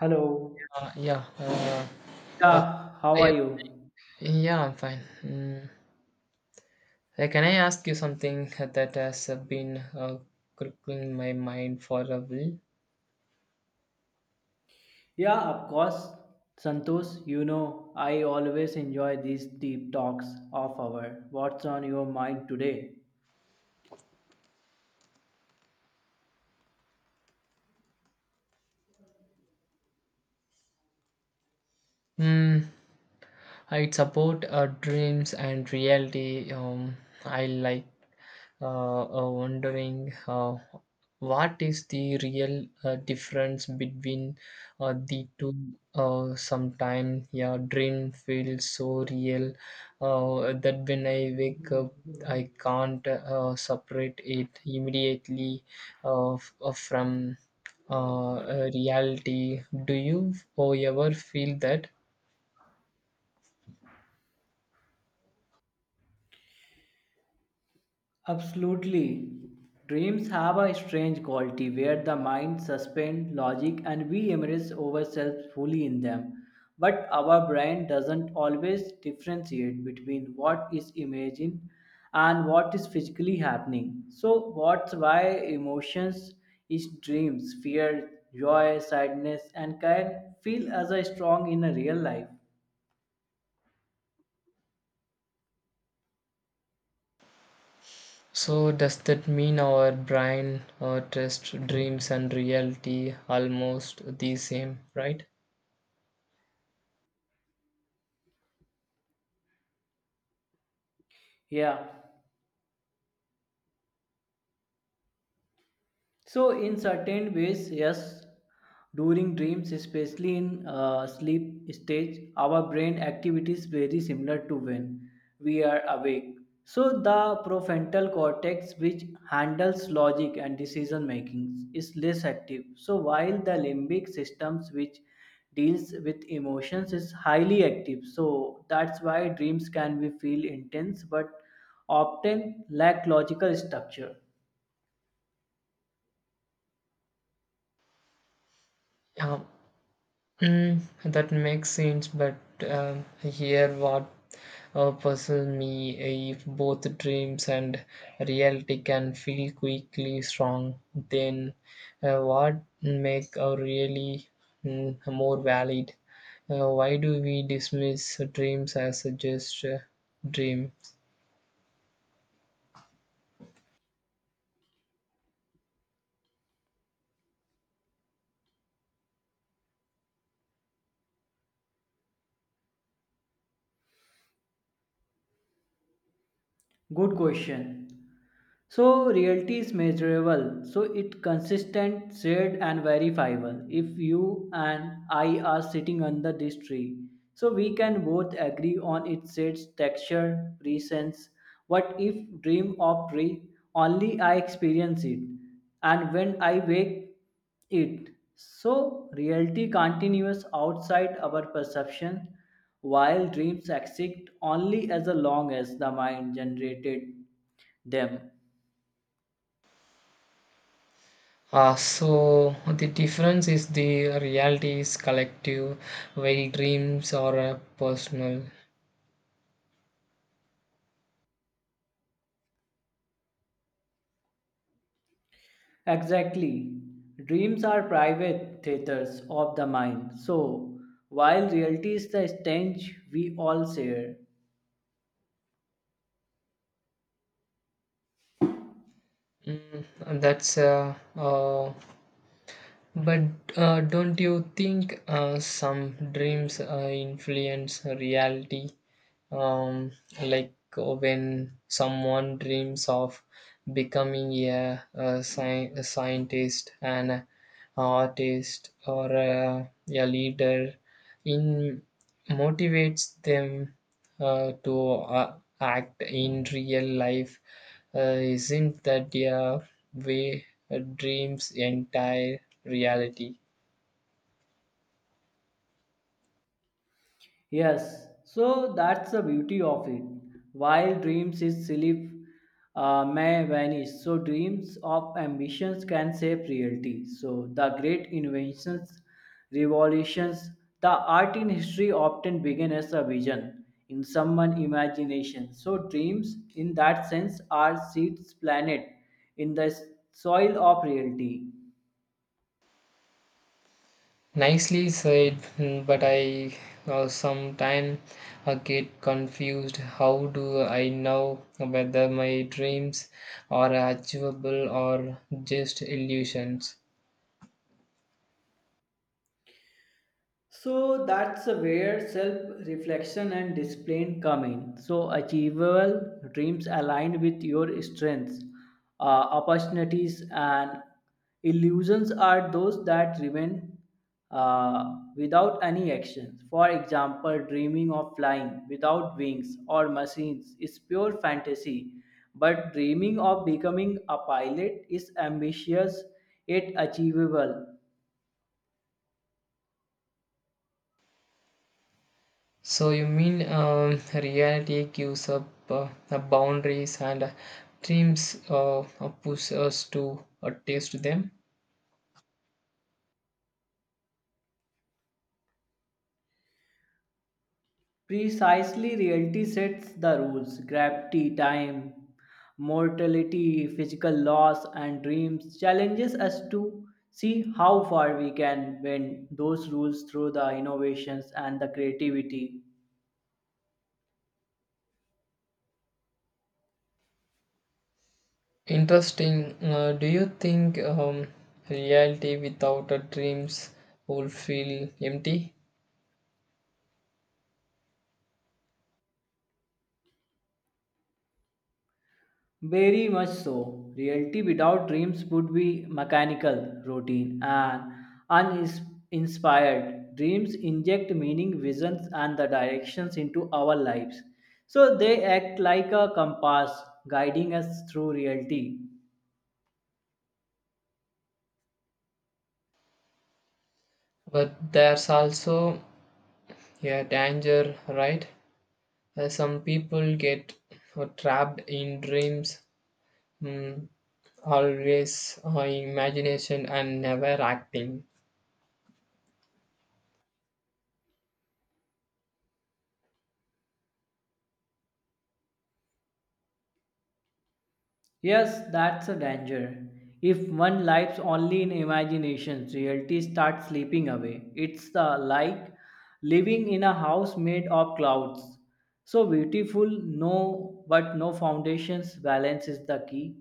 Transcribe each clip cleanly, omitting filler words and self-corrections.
Hello. Uh, yeah, uh, uh, Yeah, how are yeah, you? yeah, I'm fine. Mm. Can I ask you something that has been crippling my mind for a while? Yeah, of course. Santosh, you know, I always enjoy these deep talks of our. What's on your mind today? Mm. It's about dreams and reality. I like wondering what is the real difference between the two. Sometimes, yeah, dream feels so real that when I wake up, I can't separate it immediately from reality. Do you ever feel that? Absolutely. Dreams have a strange quality where the mind suspends logic and we immerse ourselves fully in them. But our brain doesn't always differentiate between what is imagined and what is physically happening. So, what's why emotions is dreams, fear, joy, sadness, and can feel as a strong in a real life. So does that mean our brain test dreams and reality almost the same, right? Yeah. So, in certain ways, yes, during dreams, especially in sleep stage, our brain activities very similar to when we are awake. So, the prefrontal cortex, which handles logic and decision making, is less active. So, while the limbic systems, which deals with emotions, is highly active. So, that's why dreams can be feel intense but often lack logical structure. Yeah, mm, that makes sense. But here, what puzzles me if both dreams and reality can feel quickly strong, then what make a really, mm, more valid? Why do we dismiss dreams as just dreams? Good question. So reality is measurable. So it consistent, shared, and verifiable. If you and I are sitting under this tree, so we can both agree on its shades, texture, presence. What if dream of tree? Only I experience it, and when I wake it. So, reality continues outside our perception, while dreams exist only as long as the mind generated them. So the difference is the reality is collective, while dreams are personal. Exactly. Dreams are private theaters of the mind. So, while reality is the stage we all share, Mm, and that's but don't you think some dreams influence reality? Um, like when someone dreams of becoming a scientist and artist or a leader in motivates them to uh, act in real life, uh, isn't that their way a dream's entire reality? yes, so that's the beauty of it. While dreams is sleep may vanish, so dreams of ambitions can shape reality. So the great inventions, revolutions, the art in history often begin as a vision in someone's imagination. So dreams, in that sense, are seeds planted in the soil of reality. Nicely said, mm, but I sometimes get confused how do I know whether my dreams are achievable or just illusions? So that's where self reflection and discipline come in. So, achievable dreams aligned with your strengths, opportunities, and illusions are those that remain without any actions. For example, dreaming of flying without wings or machines is pure fantasy, but dreaming of becoming a pilot is ambitious yet achievable. So you mean, reality gives up the boundaries and dreams push us to taste them? Precisely, reality sets the rules. Gravity, time, mortality, physical loss, and dreams challenges us to see how far we can bend those rules through the innovations and the creativity. Interesting. Do you think, reality without dreams will feel empty? Very much so. Reality without dreams would be mechanical, routine, and uninspired. Dreams inject meaning, visions, and the directions into our lives. So they act like a compass guiding us through reality. But there's also a danger, right? Some people get trapped in dreams, mm, always imagination and never acting. Yes, that's a danger. If one lives only in imagination, reality starts slipping away. It's the like living in a house made of clouds. So beautiful, no, but no foundations. Balance is the key.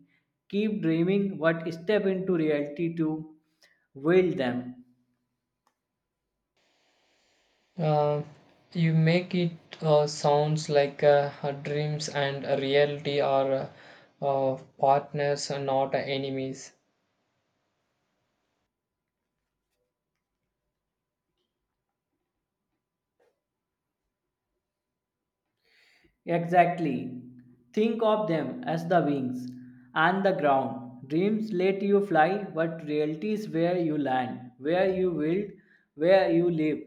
Keep dreaming, but step into reality to wield them. Uh, you make it sounds like her dreams and a reality are partners and not enemies. Exactly. Think of them as the wings and the ground. Dreams let you fly, but reality is where you land, where you build, where you live.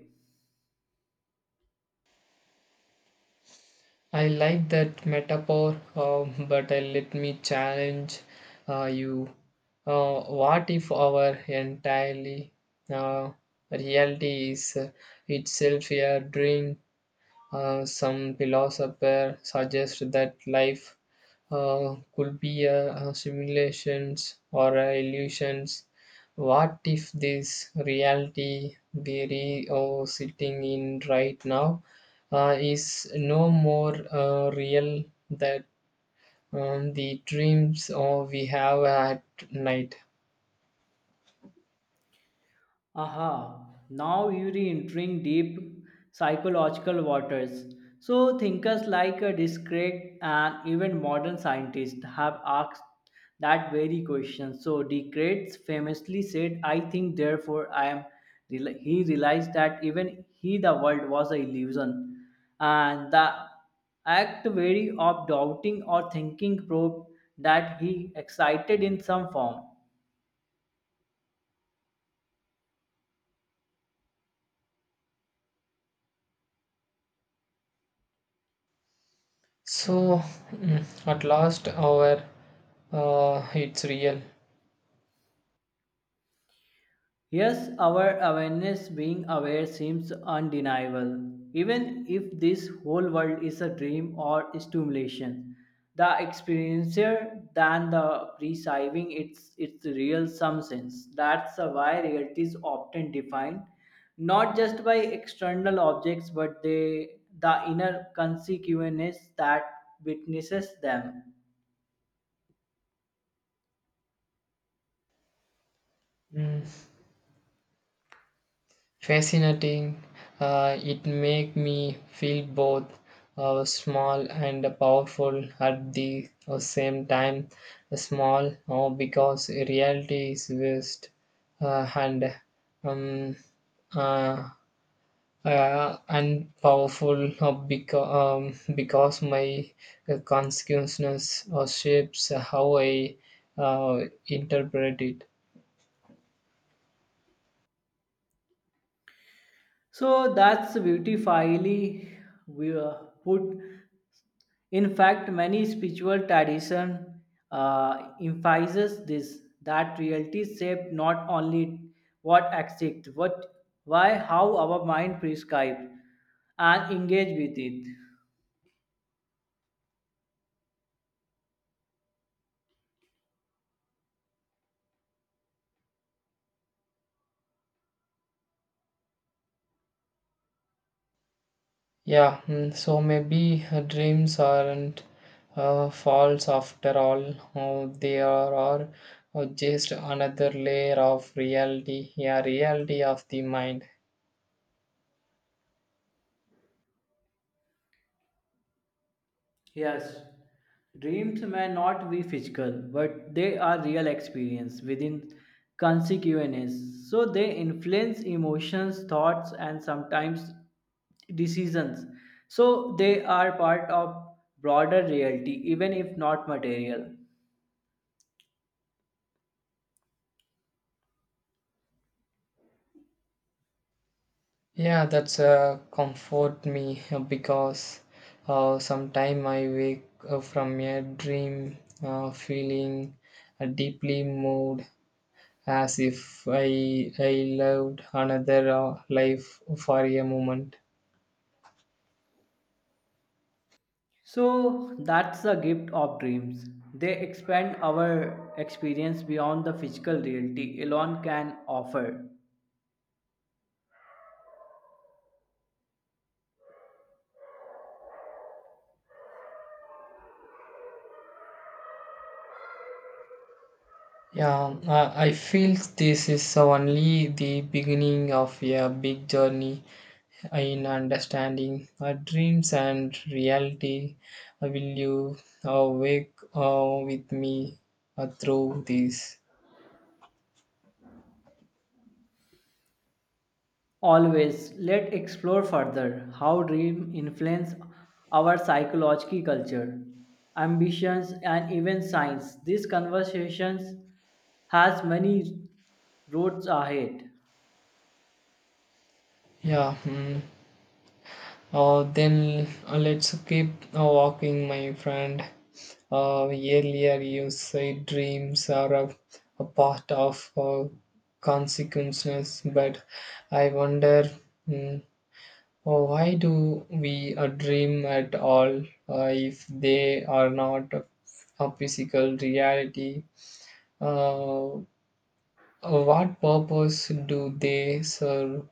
I like that metaphor, but let me challenge you. What if our entirely uh, reality is itself a dream? Some philosophers suggest that life could be a simulations or a illusions. What if this reality we are sitting in right now is no more real than, the dreams or we have at night? Aha, now you're entering deep psychological waters. So, thinkers like a discrete and even modern scientists have asked that very question. So, Descartes famously said, I think, therefore I am. He realized that even he, the world, was an illusion. And the act very of doubting or thinking proved that he excited in some form. So mm, at last, our, it's real. Yes, our awareness being aware seems undeniable. Even if this whole world is a dream or stimulation, the experiencer than the perceiving its real some sense. That's why reality is often defined not just by external objects but they, the inner consequences that witnesses them. Mm. Fascinating. It make me feel both small and powerful at the same time. Small because reality is vast and um, uh, and powerful because my consciousness shapes how I uh, interpret it. So that's beautifully we put. In fact, many spiritual tradition emphasizes this that reality shaped not only what exists, but why how our mind prescribes and engage with it. Yeah, mm, so maybe her dreams aren't false after all. Oh, they are, are just another layer of reality. Yeah, reality of the mind. Yes, dreams may not be physical, but they are real experience within consequences. So they influence emotions, thoughts, and sometimes decisions. So they are part of broader reality, even if not material. Yeah, that's comfort me because sometime I wake from a dream feeling deeply moved as if I loved another life for a moment. So that's the gift of dreams. They expand our experience beyond the physical reality alone can offer. Yeah, I feel this is only the beginning of a big journey in understanding our dreams and reality. Will you wake with me through this? Always, let's explore further how dreams influence our psychological culture, ambitions, and even science. These conversations has many roads ahead. Yeah, mm. Then let's keep walking, my friend. Earlier, you said dreams are a part of consequences, but I wonder, mm. Oh, why do we dream at all if they are not a physical reality? Uh, uh, what purpose do they serve?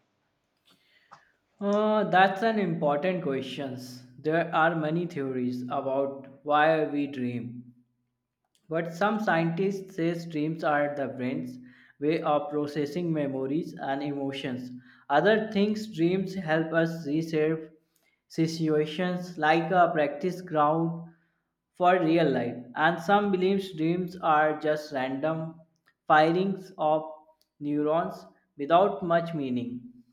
That's an important question. There are many theories about why we dream. But some scientists say dreams are the brain's way of processing memories and emotions. Other things dreams help us reshape situations like a practice ground for real life. And some believe dreams are just random firings of neurons without much meaning.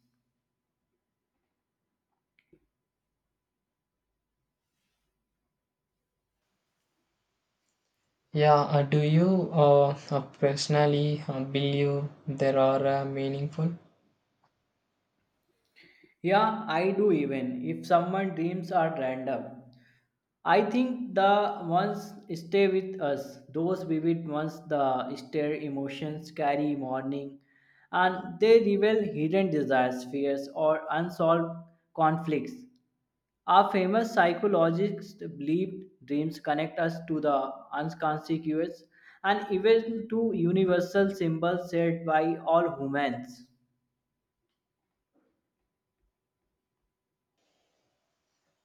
Yeah, do you personally believe there are meaningful? Yeah, I do even if someone dreams are random. I think the ones stay with us, those vivid ones, the stir emotions carry morning, and they reveal hidden desires, fears, or unsolved conflicts. Our famous psychologists believe dreams connect us to the unconscious and even to universal symbols shared by all humans.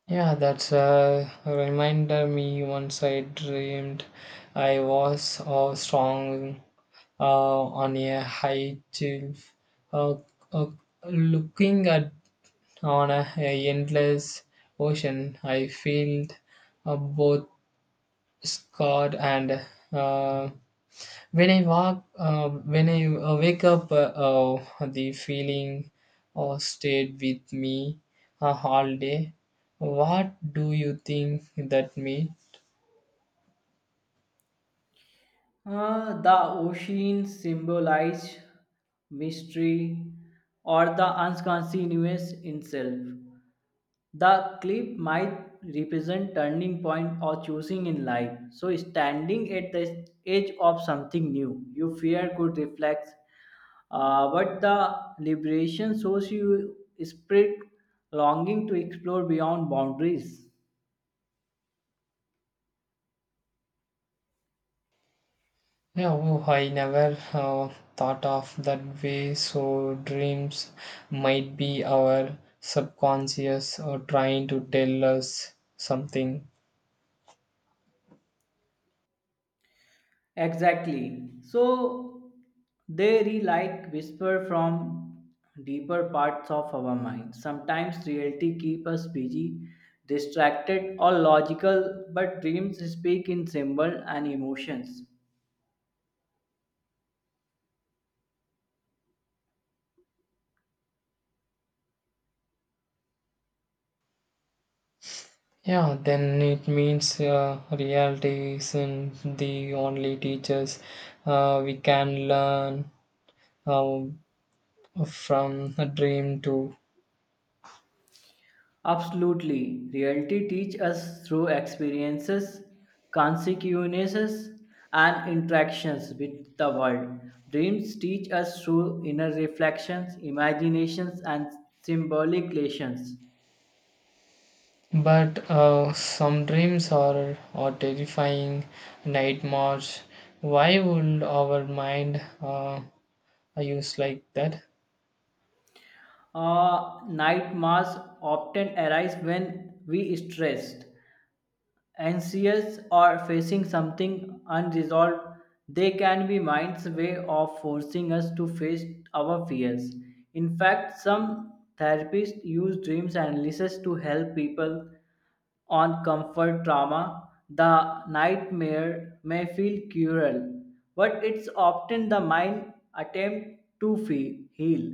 Yeah, that's a reminder me once I dreamed I was strong uh, on a high shelf, uh, uh, looking at on a endless ocean. I feel both scared and uh, when I wake up, the feeling stayed with me all day. What do you think that means? The ocean symbolizes mystery or the unconscious in self. The cliff might represent turning point or choosing in life. So standing at the edge of something new, you fear could reflect. But the liberation shows you spirit longing to explore beyond boundaries. Yeah, oh, I never thought of that way. So dreams might be our subconscious or trying to tell us something. Exactly. So they re like whisper from deeper parts of our mind. Sometimes reality keep us busy, distracted or logical, but dreams speak in symbol and emotions. Yeah, then it means reality isn't the only teachers. We can learn uh, from a dream too. Absolutely. Reality teach us through experiences, consequences, and interactions with the world. Dreams teach us through inner reflections, imaginations, and symbolic relations. But some dreams are terrifying, nightmares. Why would our mind use like that? Nightmares often arise when we stressed, anxious, or facing something unresolved. They can be mind's way of forcing us to face our fears. In fact, some therapists use dreams analysis to help people on comfort trauma, the nightmare may feel cruel, but it's often the mind attempt to heal.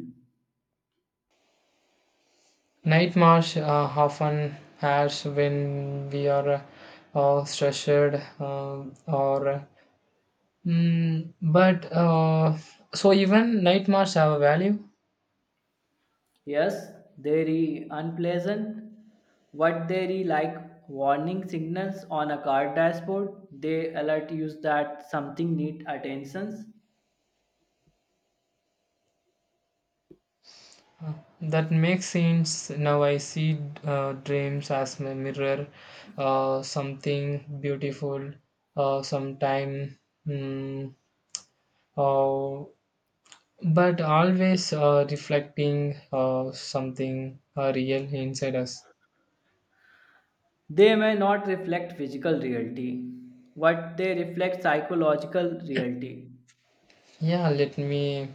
Nightmares often has when we are stressed or, mm, but so even nightmares have a value. Yes, they are unpleasant. What they are like warning signals on a car dashboard, they alert you that something needs attention. That makes sense. Now I see dreams as my mirror, something beautiful, sometime, mm, uh, but always reflecting something real inside us. They may not reflect physical reality, but they reflect psychological reality. Yeah, let me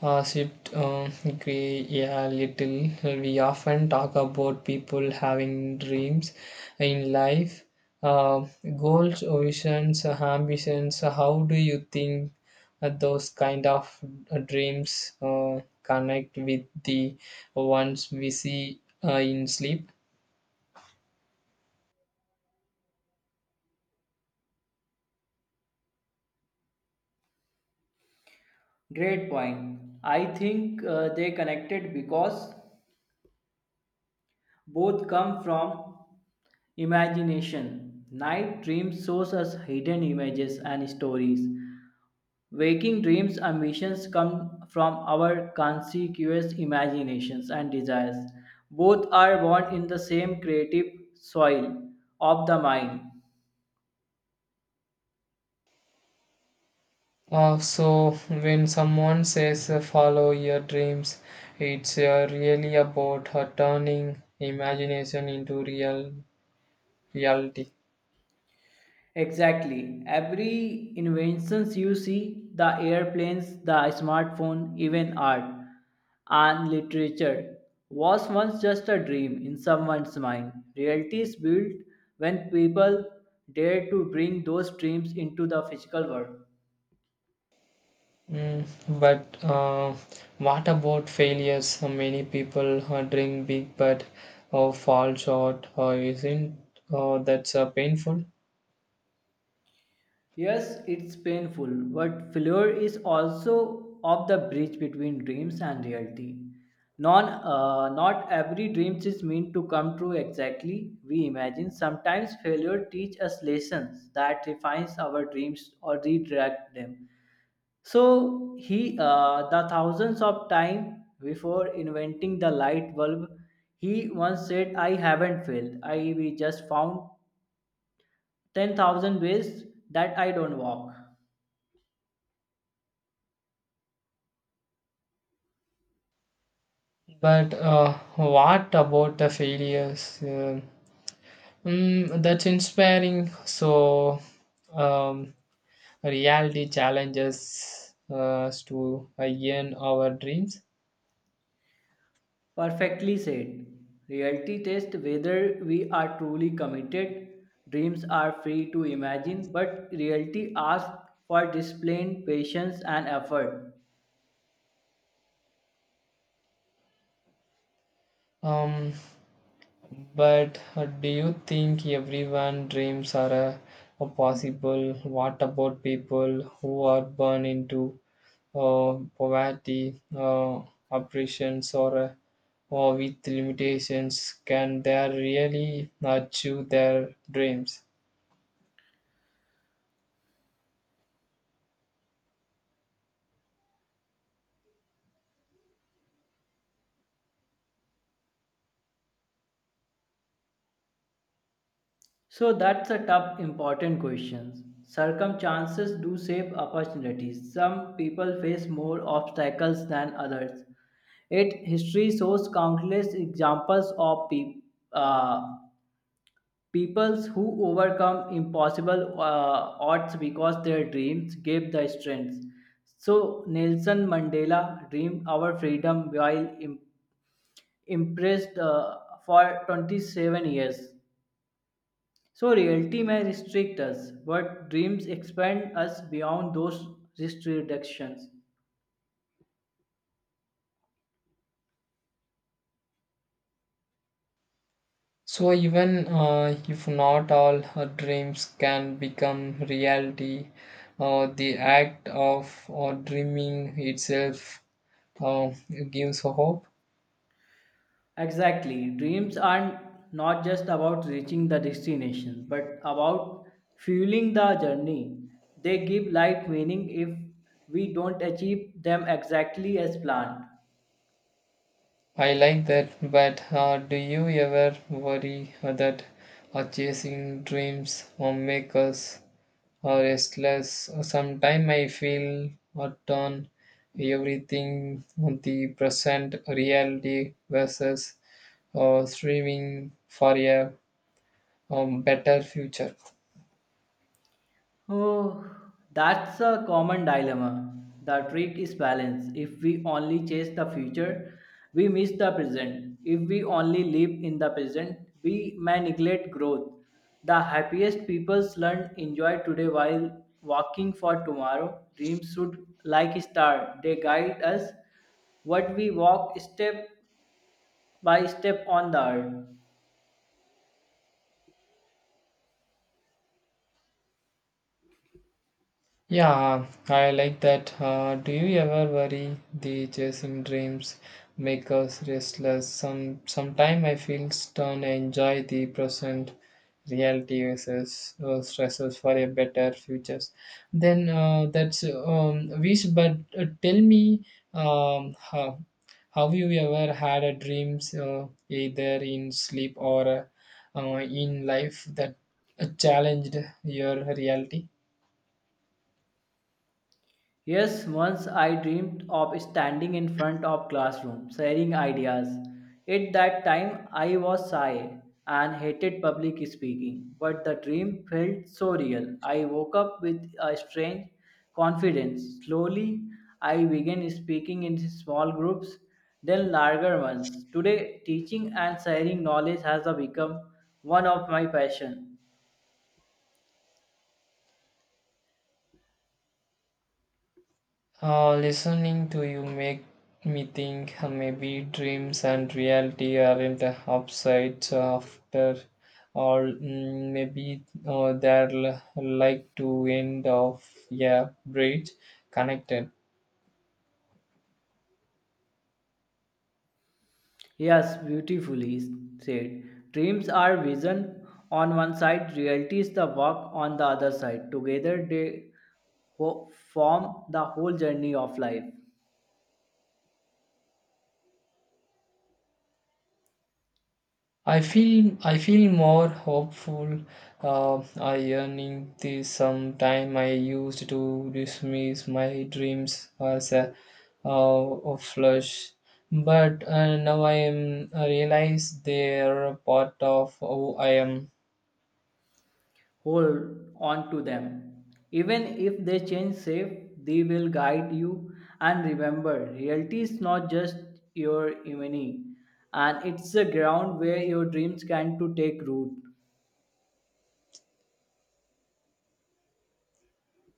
shift, gray a little. We often talk about people having dreams in life, uh, goals, visions, ambitions. How do you think those kind of dreams connect with the ones we see in sleep? Great point. I think they connected because both come from imagination. Night dreams shows us hidden images and stories. Waking dreams, ambitions come from our conspicuous imaginations and desires. Both are born in the same creative soil of the mind. So when someone says follow your dreams, it's really about turning imagination into real reality. Exactly. Every inventions you see, the airplanes, the smartphone, even art and literature, was once just a dream in someone's mind. Reality is built when people dare to bring those dreams into the physical world. Mm, but what about failures? Many people dream big but fall short. Isn't that's painful? Yes, it's painful, but failure is also of the bridge between dreams and reality. Not every dream is meant to come true exactly we imagine. Sometimes failure teach us lessons that refines our dreams or redirect them. The thousands of time before inventing the light bulb, he once said, "I haven't failed. I we just found 10,000 ways that I don't walk." But what about the failures? Mm, that's inspiring. So, um, reality challenges us to earn our dreams. Perfectly said. Reality tests whether we are truly committed. Dreams are free to imagine, but reality asks for discipline, patience, and effort. Um, but do you think everyone dreams are possible? What about people who are born into poverty, oppressions, or with limitations? Can they really achieve their dreams? So that's a tough, important question. Circumstances do shape opportunities. Some people face more obstacles than others. Yet history shows countless examples of people. Peoples who overcome impossible odds because their dreams gave the strength. So Nelson Mandela dreamed our freedom while im- impressed for 27 years. So reality may restrict us, but dreams expand us beyond those restrictions. So even if not all her dreams can become reality, the act of dreaming itself uh, gives hope. Exactly. Dreams are not just about reaching the destination, but about fueling the journey. They give life meaning if we don't achieve them exactly as planned. I like that, but do you ever worry that chasing dreams make us restless? Sometimes I feel torn everything the present reality versus striving for a, better future. Oh, that's a common dilemma. The trick is balance. If we only chase the future, we miss the present. If we only live in the present, we may neglect growth. The happiest people learn enjoy today while walking for tomorrow. Dreams should like a star. They guide us what we walk step by step on the earth. Yeah, I like that. Do you ever worry the chasing dreams make us restless? Sometime I feel stern and enjoy the present reality versus stresses for a better futures. Then that's, wish. But tell me, how have you ever had a dreams either in sleep or in life that challenged your reality? Yes, once I dreamed of standing in front of classroom, sharing ideas. At that time, I was shy and hated public speaking, but the dream felt so real. I woke up with a strange confidence. Slowly, I began speaking in small groups, then larger ones. Today, teaching and sharing knowledge has become one of my passions. Listening to you make me think maybe dreams and reality aren't upsides after all. Mm, maybe they're like to end of yeah bridge connected. Yes, beautifully said. Dreams are vision on one side, reality is the work on the other side. Together they form the whole journey of life. I feel more hopeful. Uh, I earning the some time I used to dismiss my dreams as uh, a flush, but now I realize they are a part of who I am. Hold on to them. Even if they change shape, they will guide you. And remember, reality is not just your enemy, and it's the ground where your dreams can to take root.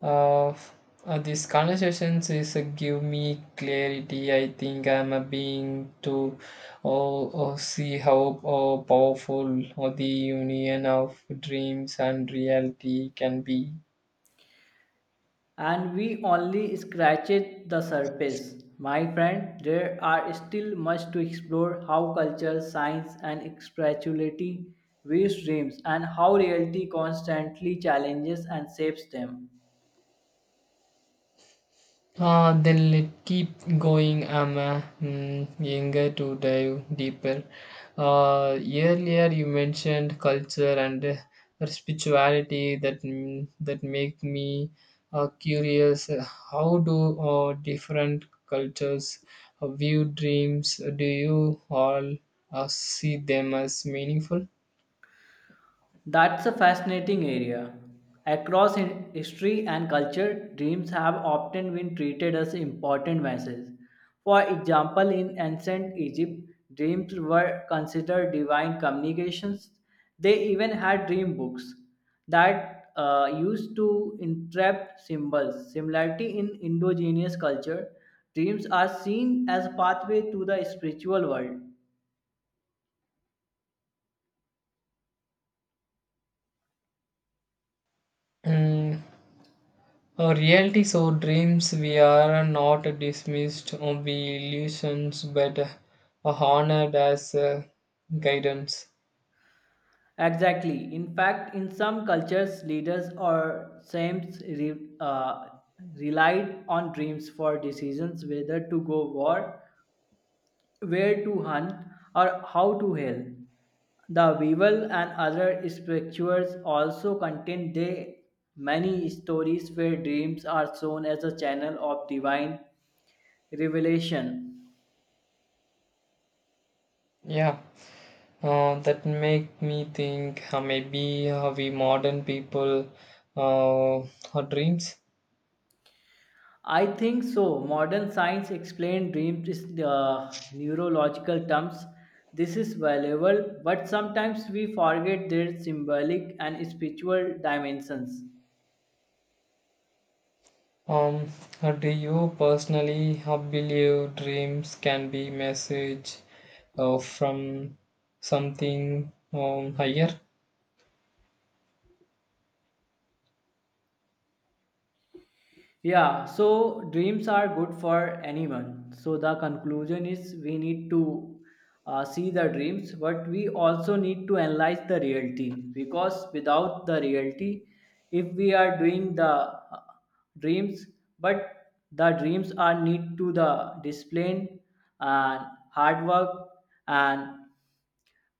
Uh, these conversations is give me clarity. I think I'm being to, oh, see how, powerful, oh, the union of dreams and reality can be. And we only scratched the surface. My friend, there are still much to explore how culture, science, and spirituality weave dreams and how reality constantly challenges and shapes them. Then let us keep going. I'm mm, younger to dive deeper. Uh, earlier you mentioned culture and spirituality that mm, that make me curious. How do different cultures view dreams? Do you all see them as meaningful? That's a fascinating area. Across history and culture, dreams have often been treated as important messages. For example, in ancient Egypt, dreams were considered divine communications. They even had dream books that used to interpret symbols. Similarity in indigenous culture, dreams are seen as a pathway to the spiritual world. Mm, a reality so dreams we are not dismissed or be illusions but honored as guidance. Exactly. In fact, in some cultures, leaders or saints relied on dreams for decisions whether to go war, where to hunt, or how to heal. The Bible and other scriptures also contain the many stories where dreams are shown as a channel of divine revelation. Yeah, that make me think maybe we modern people our dreams. I think so. Modern science explains dreams in neurological terms. This is valuable, but sometimes we forget their symbolic and spiritual dimensions. Um, do you personally believe dreams can be message from something, higher? Yeah, so dreams are good for anyone. So the conclusion is we need to see the dreams, but we also need to analyze the reality because without the reality, if we are doing the dreams, but the dreams are need to the discipline and hard work and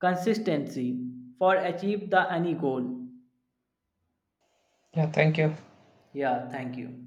consistency for achieve the any goal. Yeah, thank you. Yeah, thank you.